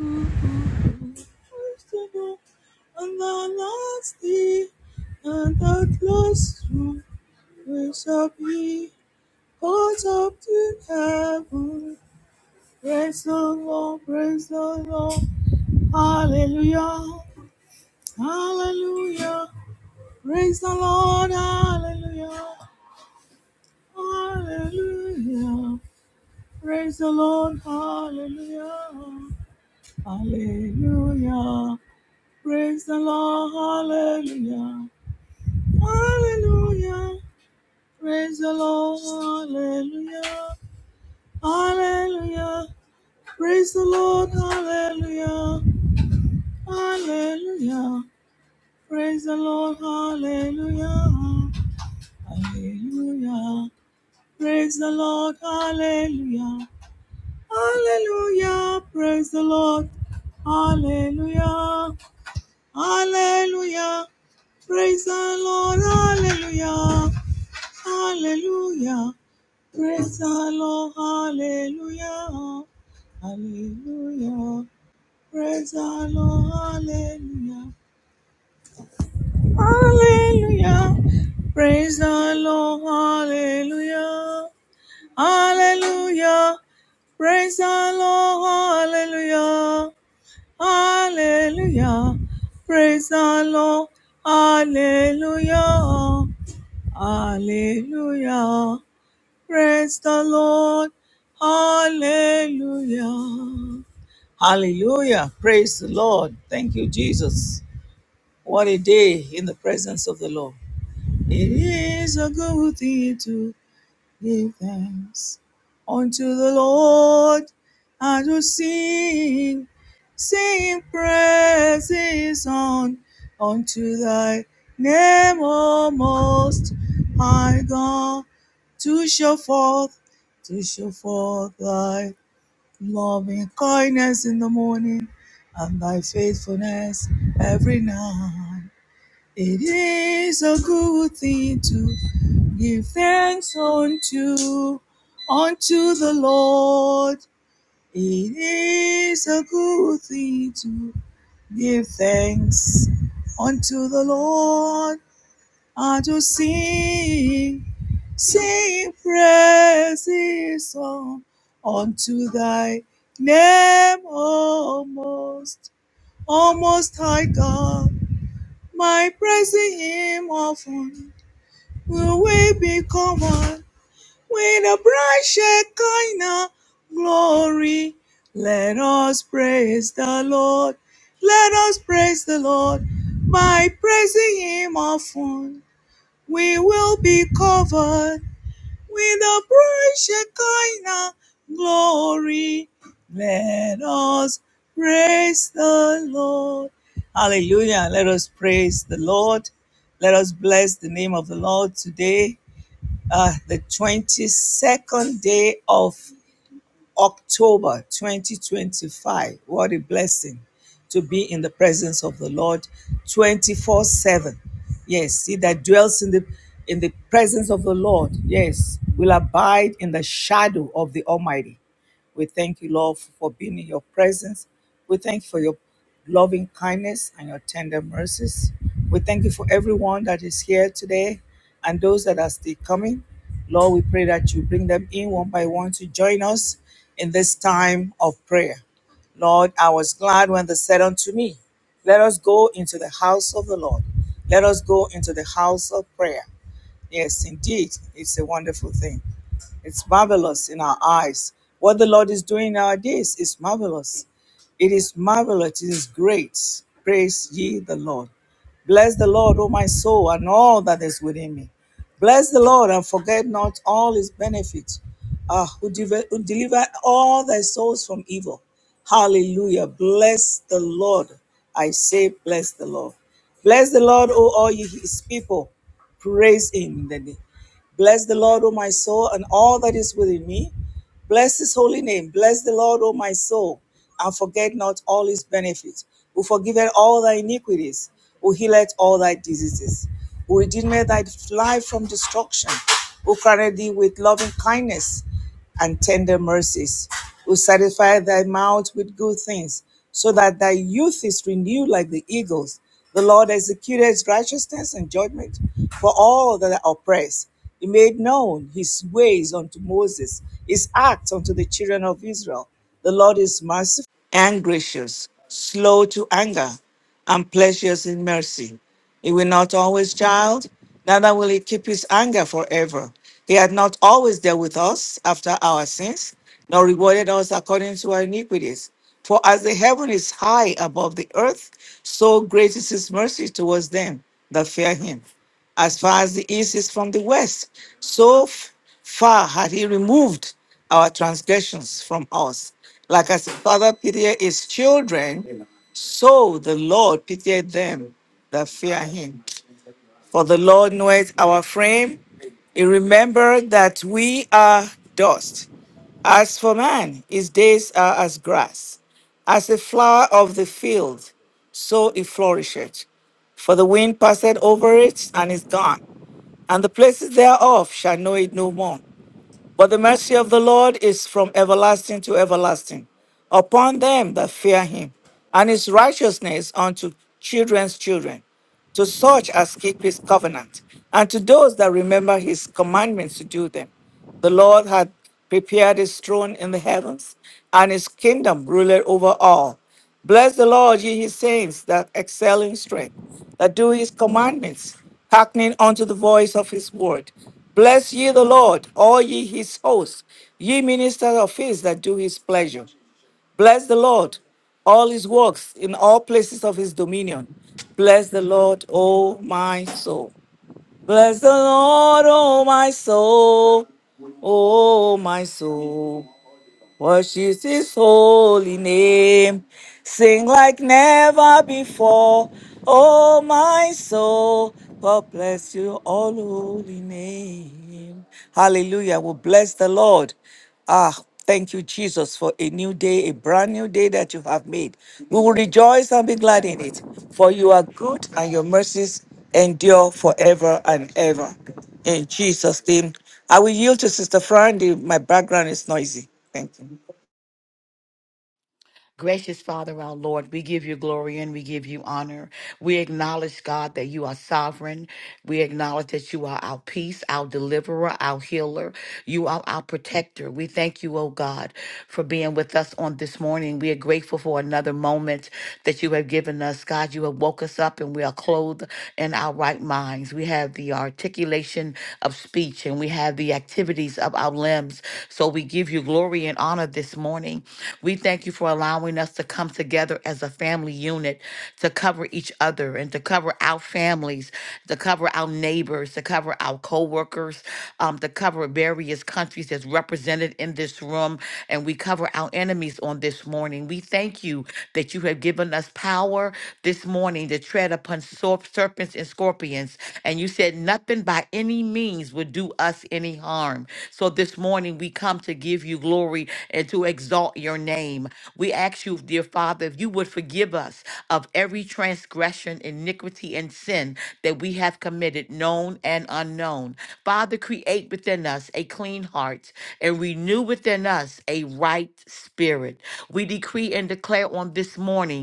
And the last day, and at last we shall be caught up to heaven. Praise the Lord, praise the Lord, hallelujah, hallelujah. Praise the Lord, hallelujah, hallelujah. Praise the Lord, hallelujah, hallelujah. Praise the Lord, hallelujah. Hallelujah. Praise the Lord. Hallelujah. Hallelujah. Praise the Lord. Hallelujah. Hallelujah. Praise the Lord. Hallelujah. Hallelujah. Praise the Lord. Hallelujah. Hallelujah. Praise the Lord. Hallelujah. Hallelujah. Praise the Lord. Hallelujah. Hallelujah. Praise the Lord, hallelujah, hallelujah. Praise the Lord, hallelujah, hallelujah. Praise the Lord, hallelujah, hallelujah. Praise the Lord, hallelujah, hallelujah. Praise the Lord, hallelujah, hallelujah. Praise the Lord. Hallelujah. Hallelujah. Praise the Lord. Thank you, Jesus. What a day in the presence of the Lord. It is a good thing to Give thanks unto the Lord and to sing, sing praises on unto thy name, O most high God, to show forth, to show forth thy loving kindness in the morning and thy faithfulness every night. It is a good thing to. Give thanks unto unto the Lord. It is a good thing to give thanks unto the Lord and to sing, sing praises song unto thy name, O most, O most high God. My praising him often will we be common with a bright Shekinah glory, let us praise the Lord. Let us praise the Lord. By praising Him often, we will be covered with a bright Shekinah glory. Let us praise the Lord. Hallelujah. Let us praise the Lord. Let us bless the name of the Lord today uh, the 22nd day of October 2025. What a blessing to be in the presence of the Lord 24 7. Yes, he that dwells in the in the presence of the Lord, yes, will abide in the shadow of the Almighty. We thank you, Lord, for being in your presence. We thank you for your loving kindness and your tender mercies. We thank you for everyone that is here today and those that are still coming. Lord, we pray that you bring them in one by one to join us in this time of prayer. Lord, I was glad when they said unto me, Let us go into the house of the Lord. Let us go into the house of prayer. Yes, indeed. It's a wonderful thing. It's marvelous in our eyes. What the Lord is doing nowadays is marvelous. It is marvelous. It is great. Praise ye the Lord. Bless the Lord, O my soul, and all that is within me. Bless the Lord and forget not all his benefits, uh, who, deve- who deliver all thy souls from evil. Hallelujah. Bless the Lord. I say, bless the Lord. Bless the Lord, O all ye his people. Praise him. Bless the Lord, O my soul, and all that is within me. Bless his holy name. Bless the Lord, O my soul, and forget not all his benefits, who forgiveth all thy iniquities, who healeth all thy diseases, who redeemeth thy life from destruction, who crowned thee with loving kindness and tender mercies, who satisfy thy mouth with good things, so that thy youth is renewed like the eagles. The Lord executed his righteousness and judgment for all that are oppressed. He made known his ways unto Moses, his acts unto the children of Israel. The Lord is merciful and gracious, slow to anger, and plenteous in mercy. He will not always child, neither will he keep his anger forever. He had not always dealt with us after our sins, nor rewarded us according to our iniquities. For as the heaven is high above the earth, so great is his mercy towards them that fear him as far as the east is from the west. So f- far had he removed our transgressions from us. Like as the father pitied his children, so the Lord pitied them that fear him. For the Lord knoweth our frame. He remembered that we are dust. As for man, his days are as grass, as the flower of the field, so it flourisheth. For the wind passeth over it and is gone, and the places thereof shall know it no more. But the mercy of the Lord is from everlasting to everlasting upon them that fear him, and his righteousness unto children's children, to such as keep his covenant, and to those that remember his commandments to do them. The Lord had prepared his throne in the heavens, and his kingdom ruled over all. Bless the Lord, ye his saints that excel in strength, that do his commandments, hearkening unto the voice of his word. Bless ye the Lord, all ye his hosts, ye ministers of his that do his pleasure. Bless the Lord, all his works in all places of his dominion. Bless the Lord, O my soul. Bless the Lord, O my soul. O my soul. Worship his holy name. Sing like never before. Oh, my soul, God bless your all holy name. Hallelujah. We bless the Lord. Ah, thank you, Jesus, for a new day, a brand new day that you have made. We will rejoice and be glad in it, for you are good and your mercies endure forever and ever. In Jesus' name, I will yield to Sister Fran. the- My background is noisy. Thank you. Gracious Father, our Lord, we give you glory and we give you honor. We acknowledge, God, that you are sovereign. We acknowledge that you are our peace, our deliverer, our healer. You are our protector. We thank you, oh God, for being with us on this morning. We are grateful for another moment that you have given us. God, you have woke us up and we are clothed in our right minds. We have the articulation of speech and we have the activities of our limbs. So we give you glory and honor this morning. We thank you for allowing us to come together as a family unit to cover each other and to cover our families, to cover our neighbors, to cover our co-workers, um, to cover various countries that's represented in this room. And we cover our enemies on this morning. We thank you that you have given us power this morning to tread upon sor- serpents and scorpions and you said nothing by any means would do us any harm. So this morning we come to give you glory and to exalt your name. We ask you, dear Father, if you would forgive us of every transgression, iniquity, and sin that we have committed, known and unknown. Father, create within us a clean heart and renew within us a right spirit. We decree and declare on this morning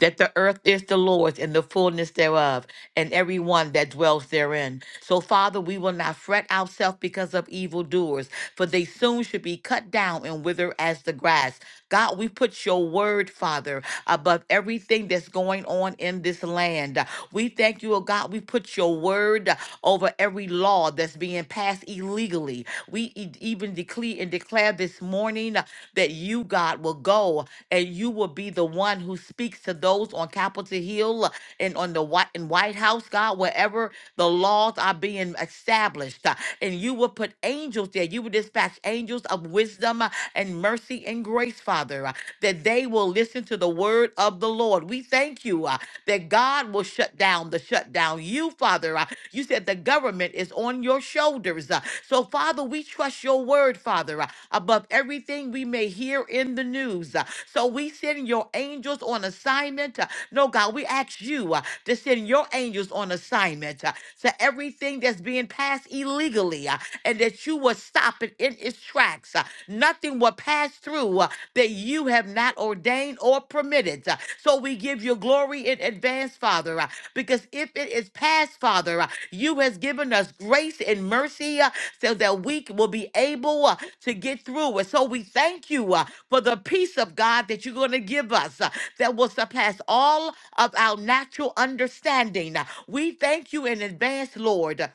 that the earth is the Lord's and the fullness thereof, and everyone that dwells therein. So, Father, we will not fret ourselves because of evildoers, for they soon should be cut down and wither as the grass. God, we put your word, Father, above everything that's going on in this land. We thank you, oh God. We put your word over every law that's being passed illegally. We e- even decree and declare this morning that you, God, will go and you will be the one who speaks to those on Capitol Hill and on the White, and White House, God, wherever the laws are being established. uh, And you will put angels there. You will dispatch angels of wisdom uh, and mercy and grace, Father, uh, that they will listen to the word of the Lord. We thank you uh, that God will shut down the shutdown. You, Father, uh, you said the government is on your shoulders shoulders. Uh, So, Father, we trust your word, Father, uh, above everything we may hear in the news. Uh, So, we send your angels on assignment. Uh, No, God, we ask you uh, to send your angels on assignment uh, to everything that's being passed illegally uh, and that you will stop it in its tracks. uh, Nothing will pass through uh, that you have not ordained or permitted. Uh, So we give you glory in advance, Father. uh, because if it is past, Father, uh, you has given us grace and mercy uh, so that we c- will be able uh, to get through. And so we thank you uh, for the peace of God that you're going to give us uh, that will surpass all of our natural understanding. Uh, We thank you in advance, Lord,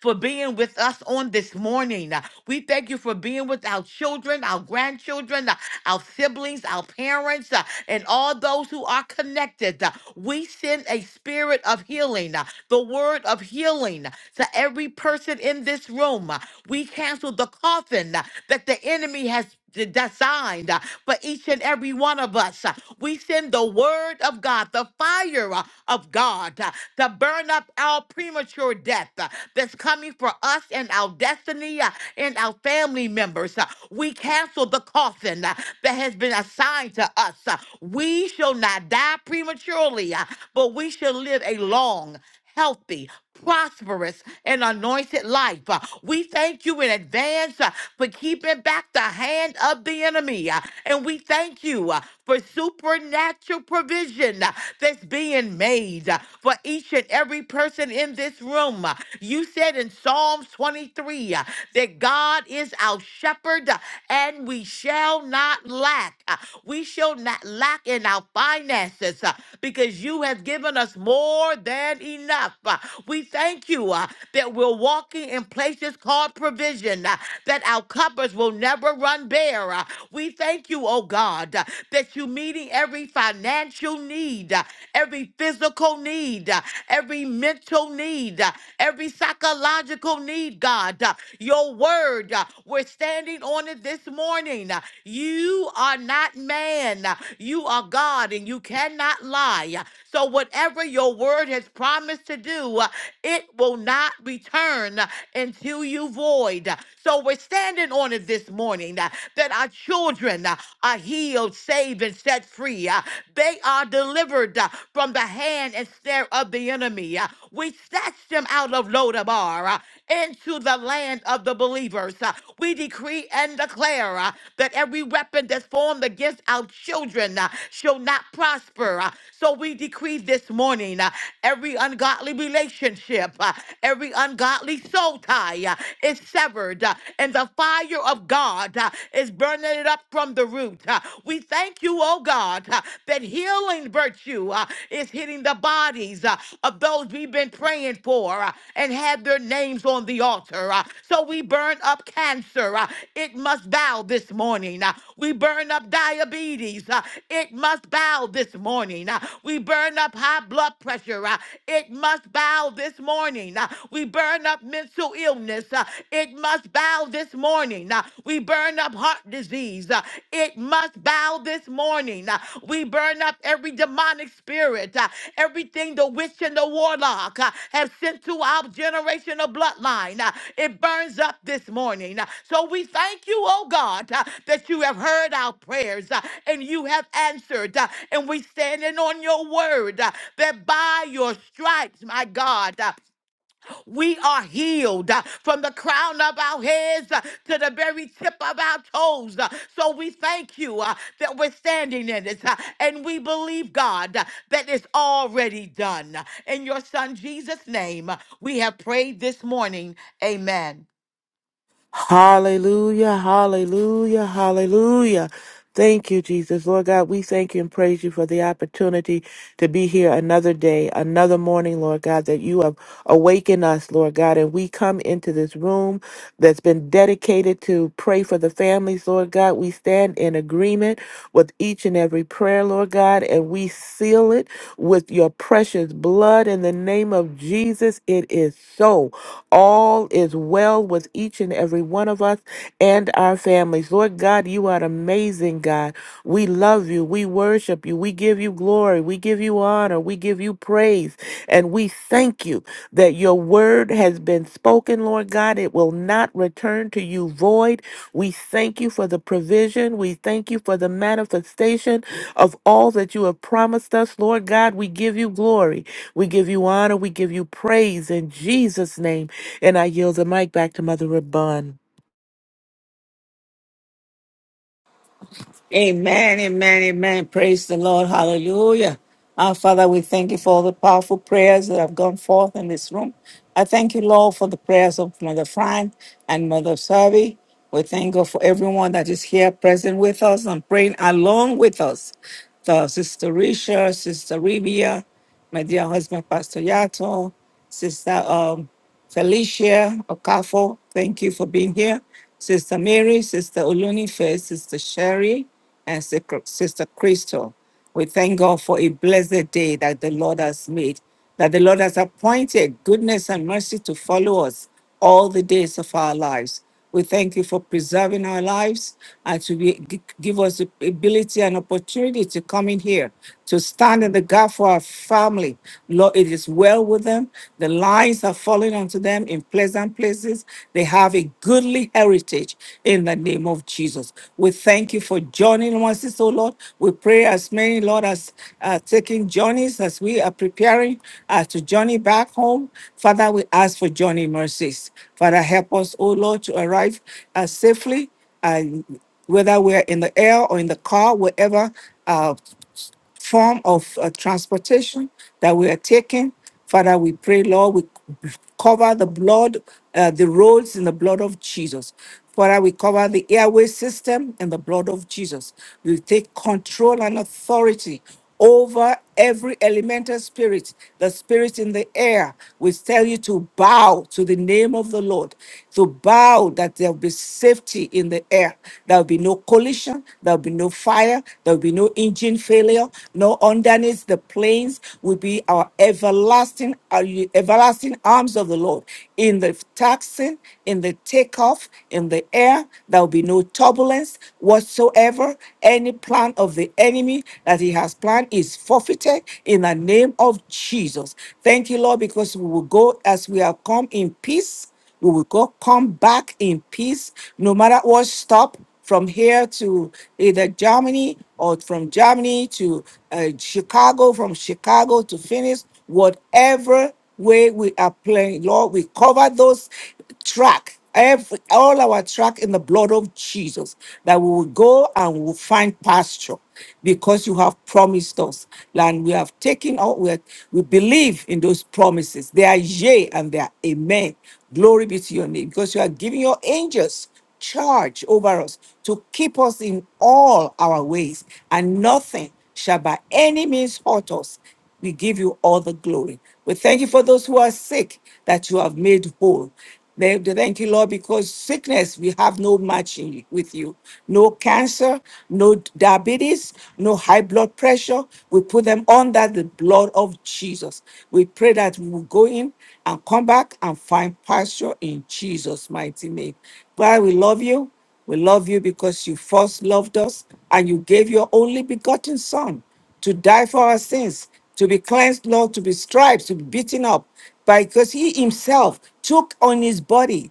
for being with us on this morning. Uh, We thank you for being with our children, our grandchildren, uh, our siblings, our parents, uh, and all those who are connected. Uh, We send a spirit of healing, uh, the word of healing to every person in this room. Uh, We cancel the coffin uh, that the enemy has d- designed uh, for each and every one of us. Uh, We send the word of God, the fire uh, of God, uh, to burn up our premature death uh, that's coming for us and our destiny uh, and our family members. Uh, We cancel the coffin uh, that has been assigned to us. Uh, We shall not die prematurely, uh, but we shall live a long healthy, prosperous, and anointed life. Uh, We thank you in advance uh, for keeping back the hand of the enemy. uh, And we thank you uh, for supernatural provision uh, that's being made uh, for each and every person in this room. Uh, You said in Psalms 23 uh, that God is our shepherd uh, and we shall not lack. Uh, We shall not lack lack in our finances uh, because you have given us more than enough. Uh, We thank you uh, that we're walking in places called provision, uh, that our cupboards will never run bare. Uh, We thank you, oh God, uh, that you're meeting every financial need, uh, every physical need, uh, every mental need, uh, every psychological need, God. Uh, Your word. uh, we're standing on it this morning. You are not man. You are God and you cannot lie. So, whatever your word has promised to do, it will not return until you void. So, we're standing on it this morning uh, that our children uh, are healed, saved, and set free. Uh, They are delivered uh, from the hand and snare of the enemy. Uh, We. We snatched them out of Lodabar uh, into the land of the believers. uh. We decree and declare uh, that every weapon that's formed against our children uh, shall not prosper. uh. So we decree this morning uh, every ungodly relationship, uh, every ungodly soul tie uh, is severed, uh, and the fire of God uh, is burning it up from the root. uh. We thank you, oh God. uh, uh, that healing virtue uh, is hitting the bodies uh, of those we've been praying for uh, and had their names on the altar. uh, So we burn up cancer. uh, It must bow this morning. uh, We burn up diabetes. uh, It must bow this morning. uh, We burn up high blood pressure. uh, It must bow this morning. uh, We burn up mental illness. uh, It must bow this morning morning. Uh, We burn up heart disease. Uh, It must bow this morning. Uh, We burn up every demonic spirit, uh, everything the witch and the warlock uh, have sent to our generational bloodline. Uh, It burns up this morning. Uh, So we thank you, oh God, uh, that you have heard our prayers uh, and you have answered. uh, And we standing on your word uh, that by your stripes, my God. uh, we are healed uh, from the crown of our heads uh, to the very tip of our toes. uh, So we thank you uh, that we're standing in it. uh, And we believe, God, uh, that it's already done. In your son Jesus' name, uh, we have prayed this morning. Amen. Hallelujah, hallelujah, hallelujah. Thank you, Jesus. Lord God, we thank you and praise you for the opportunity to be here another day, another morning, Lord God, that you have awakened us, Lord God, and we come into this room that's been dedicated to pray for the families, Lord God. We stand in agreement with each and every prayer, Lord God, and we seal it with your precious blood in the name of Jesus. It is so. All is well with each and every one of us and our families. Lord God, you are an amazing God. We love you. We worship you. We give you glory. We give you honor. We give you praise. And we thank you that your word has been spoken, Lord God. It will not return to you void. We thank you for the provision. We thank you for the manifestation of all that you have promised us, Lord God. We give you glory. We give you honor. We give you praise in Jesus' name. And I yield the mic back to Mother Rabun. Amen, amen, amen. Praise the Lord. Hallelujah. Our Father, we thank you for all the powerful prayers that have gone forth in this room. I thank you, Lord, for the prayers of Mother Fran and Mother Savi. We thank God for everyone that is here present with us and praying along with us. The Sister Risha, Sister Rivia, my dear husband, Pastor Yato, Sister um, Felicia Okafo, thank you for being here. Sister Mary, Sister Olunife, Sister Sherry, and Sic- Sister Crystal. We thank God for a blessed day that the Lord has made, that the Lord has appointed goodness and mercy to follow us all the days of our lives. We thank you for preserving our lives and to be, gi- give us the ability and opportunity to come in here, to stand in the gap for our family. Lord, it is well with them. The lines are falling onto them in pleasant places. They have a goodly heritage in the name of Jesus. we thank you for joining us, oh Lord. We pray as many, Lord, as uh, taking journeys as we are preparing uh, to journey back home. Father, we ask for journey mercies. Father, help us, oh Lord, to arrive uh, safely. Uh, whether we're in the air or in the car, wherever uh, form of uh, transportation that we are taking. Father, we pray, Lord, we cover the blood, uh, the roads in the blood of Jesus. Father, we cover the airway system in the blood of Jesus. We take control and authority over every elemental spirit, the spirit in the air. We tell you to bow to the name of the Lord, to bow that there'll be safety in the air. There'll be no collision, there'll be no fire, there'll be no engine failure, no underneath the planes will be our everlasting, our everlasting arms of the Lord. In the taxing, in the takeoff, in the air, there'll be no turbulence whatsoever. Any plan of plan of the enemy that he has planned is forfeited in the name of Jesus. Thank you, Lord, because we will go as we have come in peace. We will go come back in peace, no matter what stop from here to either Germany or from Germany to uh, Chicago, from Chicago to Phoenix, whatever way we are playing. Lord, we cover those track every all our track in the blood of Jesus that we will go and we will find pasture because you have promised us and we have taken out we, we believe in those promises they are yea and they are amen glory be to your name because you are giving your angels charge over us to keep us in all our ways, and nothing shall by any means hurt us. We give you all the glory. We thank you for those who are sick that you have made whole. They- they Thank you, Lord, because sickness, we have no match matching with you. No cancer, no diabetes, no high blood pressure. We put them under the blood of Jesus. We pray that we will go in and come back and find pasture in Jesus' mighty name. God, we love you. We love you because you first loved us and you gave your only begotten Son to die for our sins, to be cleansed, Lord, to be striped, to be beaten up, because he himself took on his body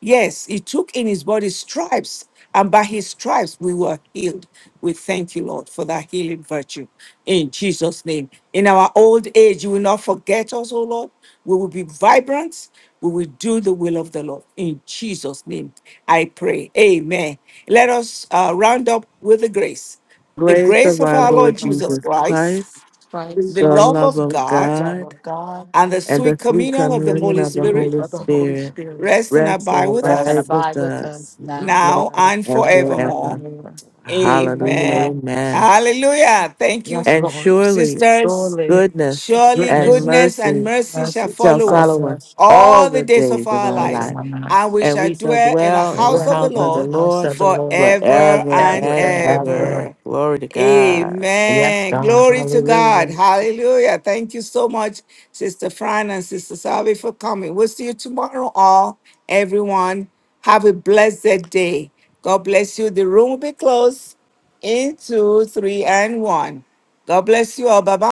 Yes, he took in his body stripes, and by his stripes we were healed. We thank you, Lord, for that healing virtue in Jesus' name. In our old age, you will not forget us, O Lord. We will be vibrant. We will do the will of the Lord. In Jesus' name, I pray. Amen. Let us uh, round up with the grace. The Grace grace of of our our Grace Lord Lord of our Jesus Lord Jesus Jesus Christ, Christ, Christ, the the love love of of God, love God, of God, and the and the sweet sweet communion of the we communion Holy of forgive the you Spirit Holy of the Holy Spirit Spirit. rest and rest and abide with Rest and us abide with abide with us us now now now and and and forevermore. forever. forevermore. Hallelujah. Amen. Amen. Amen. Hallelujah. Thank you, Yes, And Lord. surely sisters. Surely, goodness Surely and goodness goodness and mercy and mercy shall mercy shall follow us follow follow us us all all the the days of days of our our those in lives, life, my and nights, we and shall we shall dwell in the dwell to in the house of dwell the house in of the Lord the house Lord of the Lord forever forever and forever and and ever. ever. ever. Glory to God. Yes, Amen. God. Glory to God. Hallelujah. Hallelujah. Thank you so much, Sister Fran and Sister Salvi, for coming. We'll see you tomorrow, all. Everyone, have a blessed day. God bless you. The room will be closed in two, three, and one. God bless you all. Bye bye.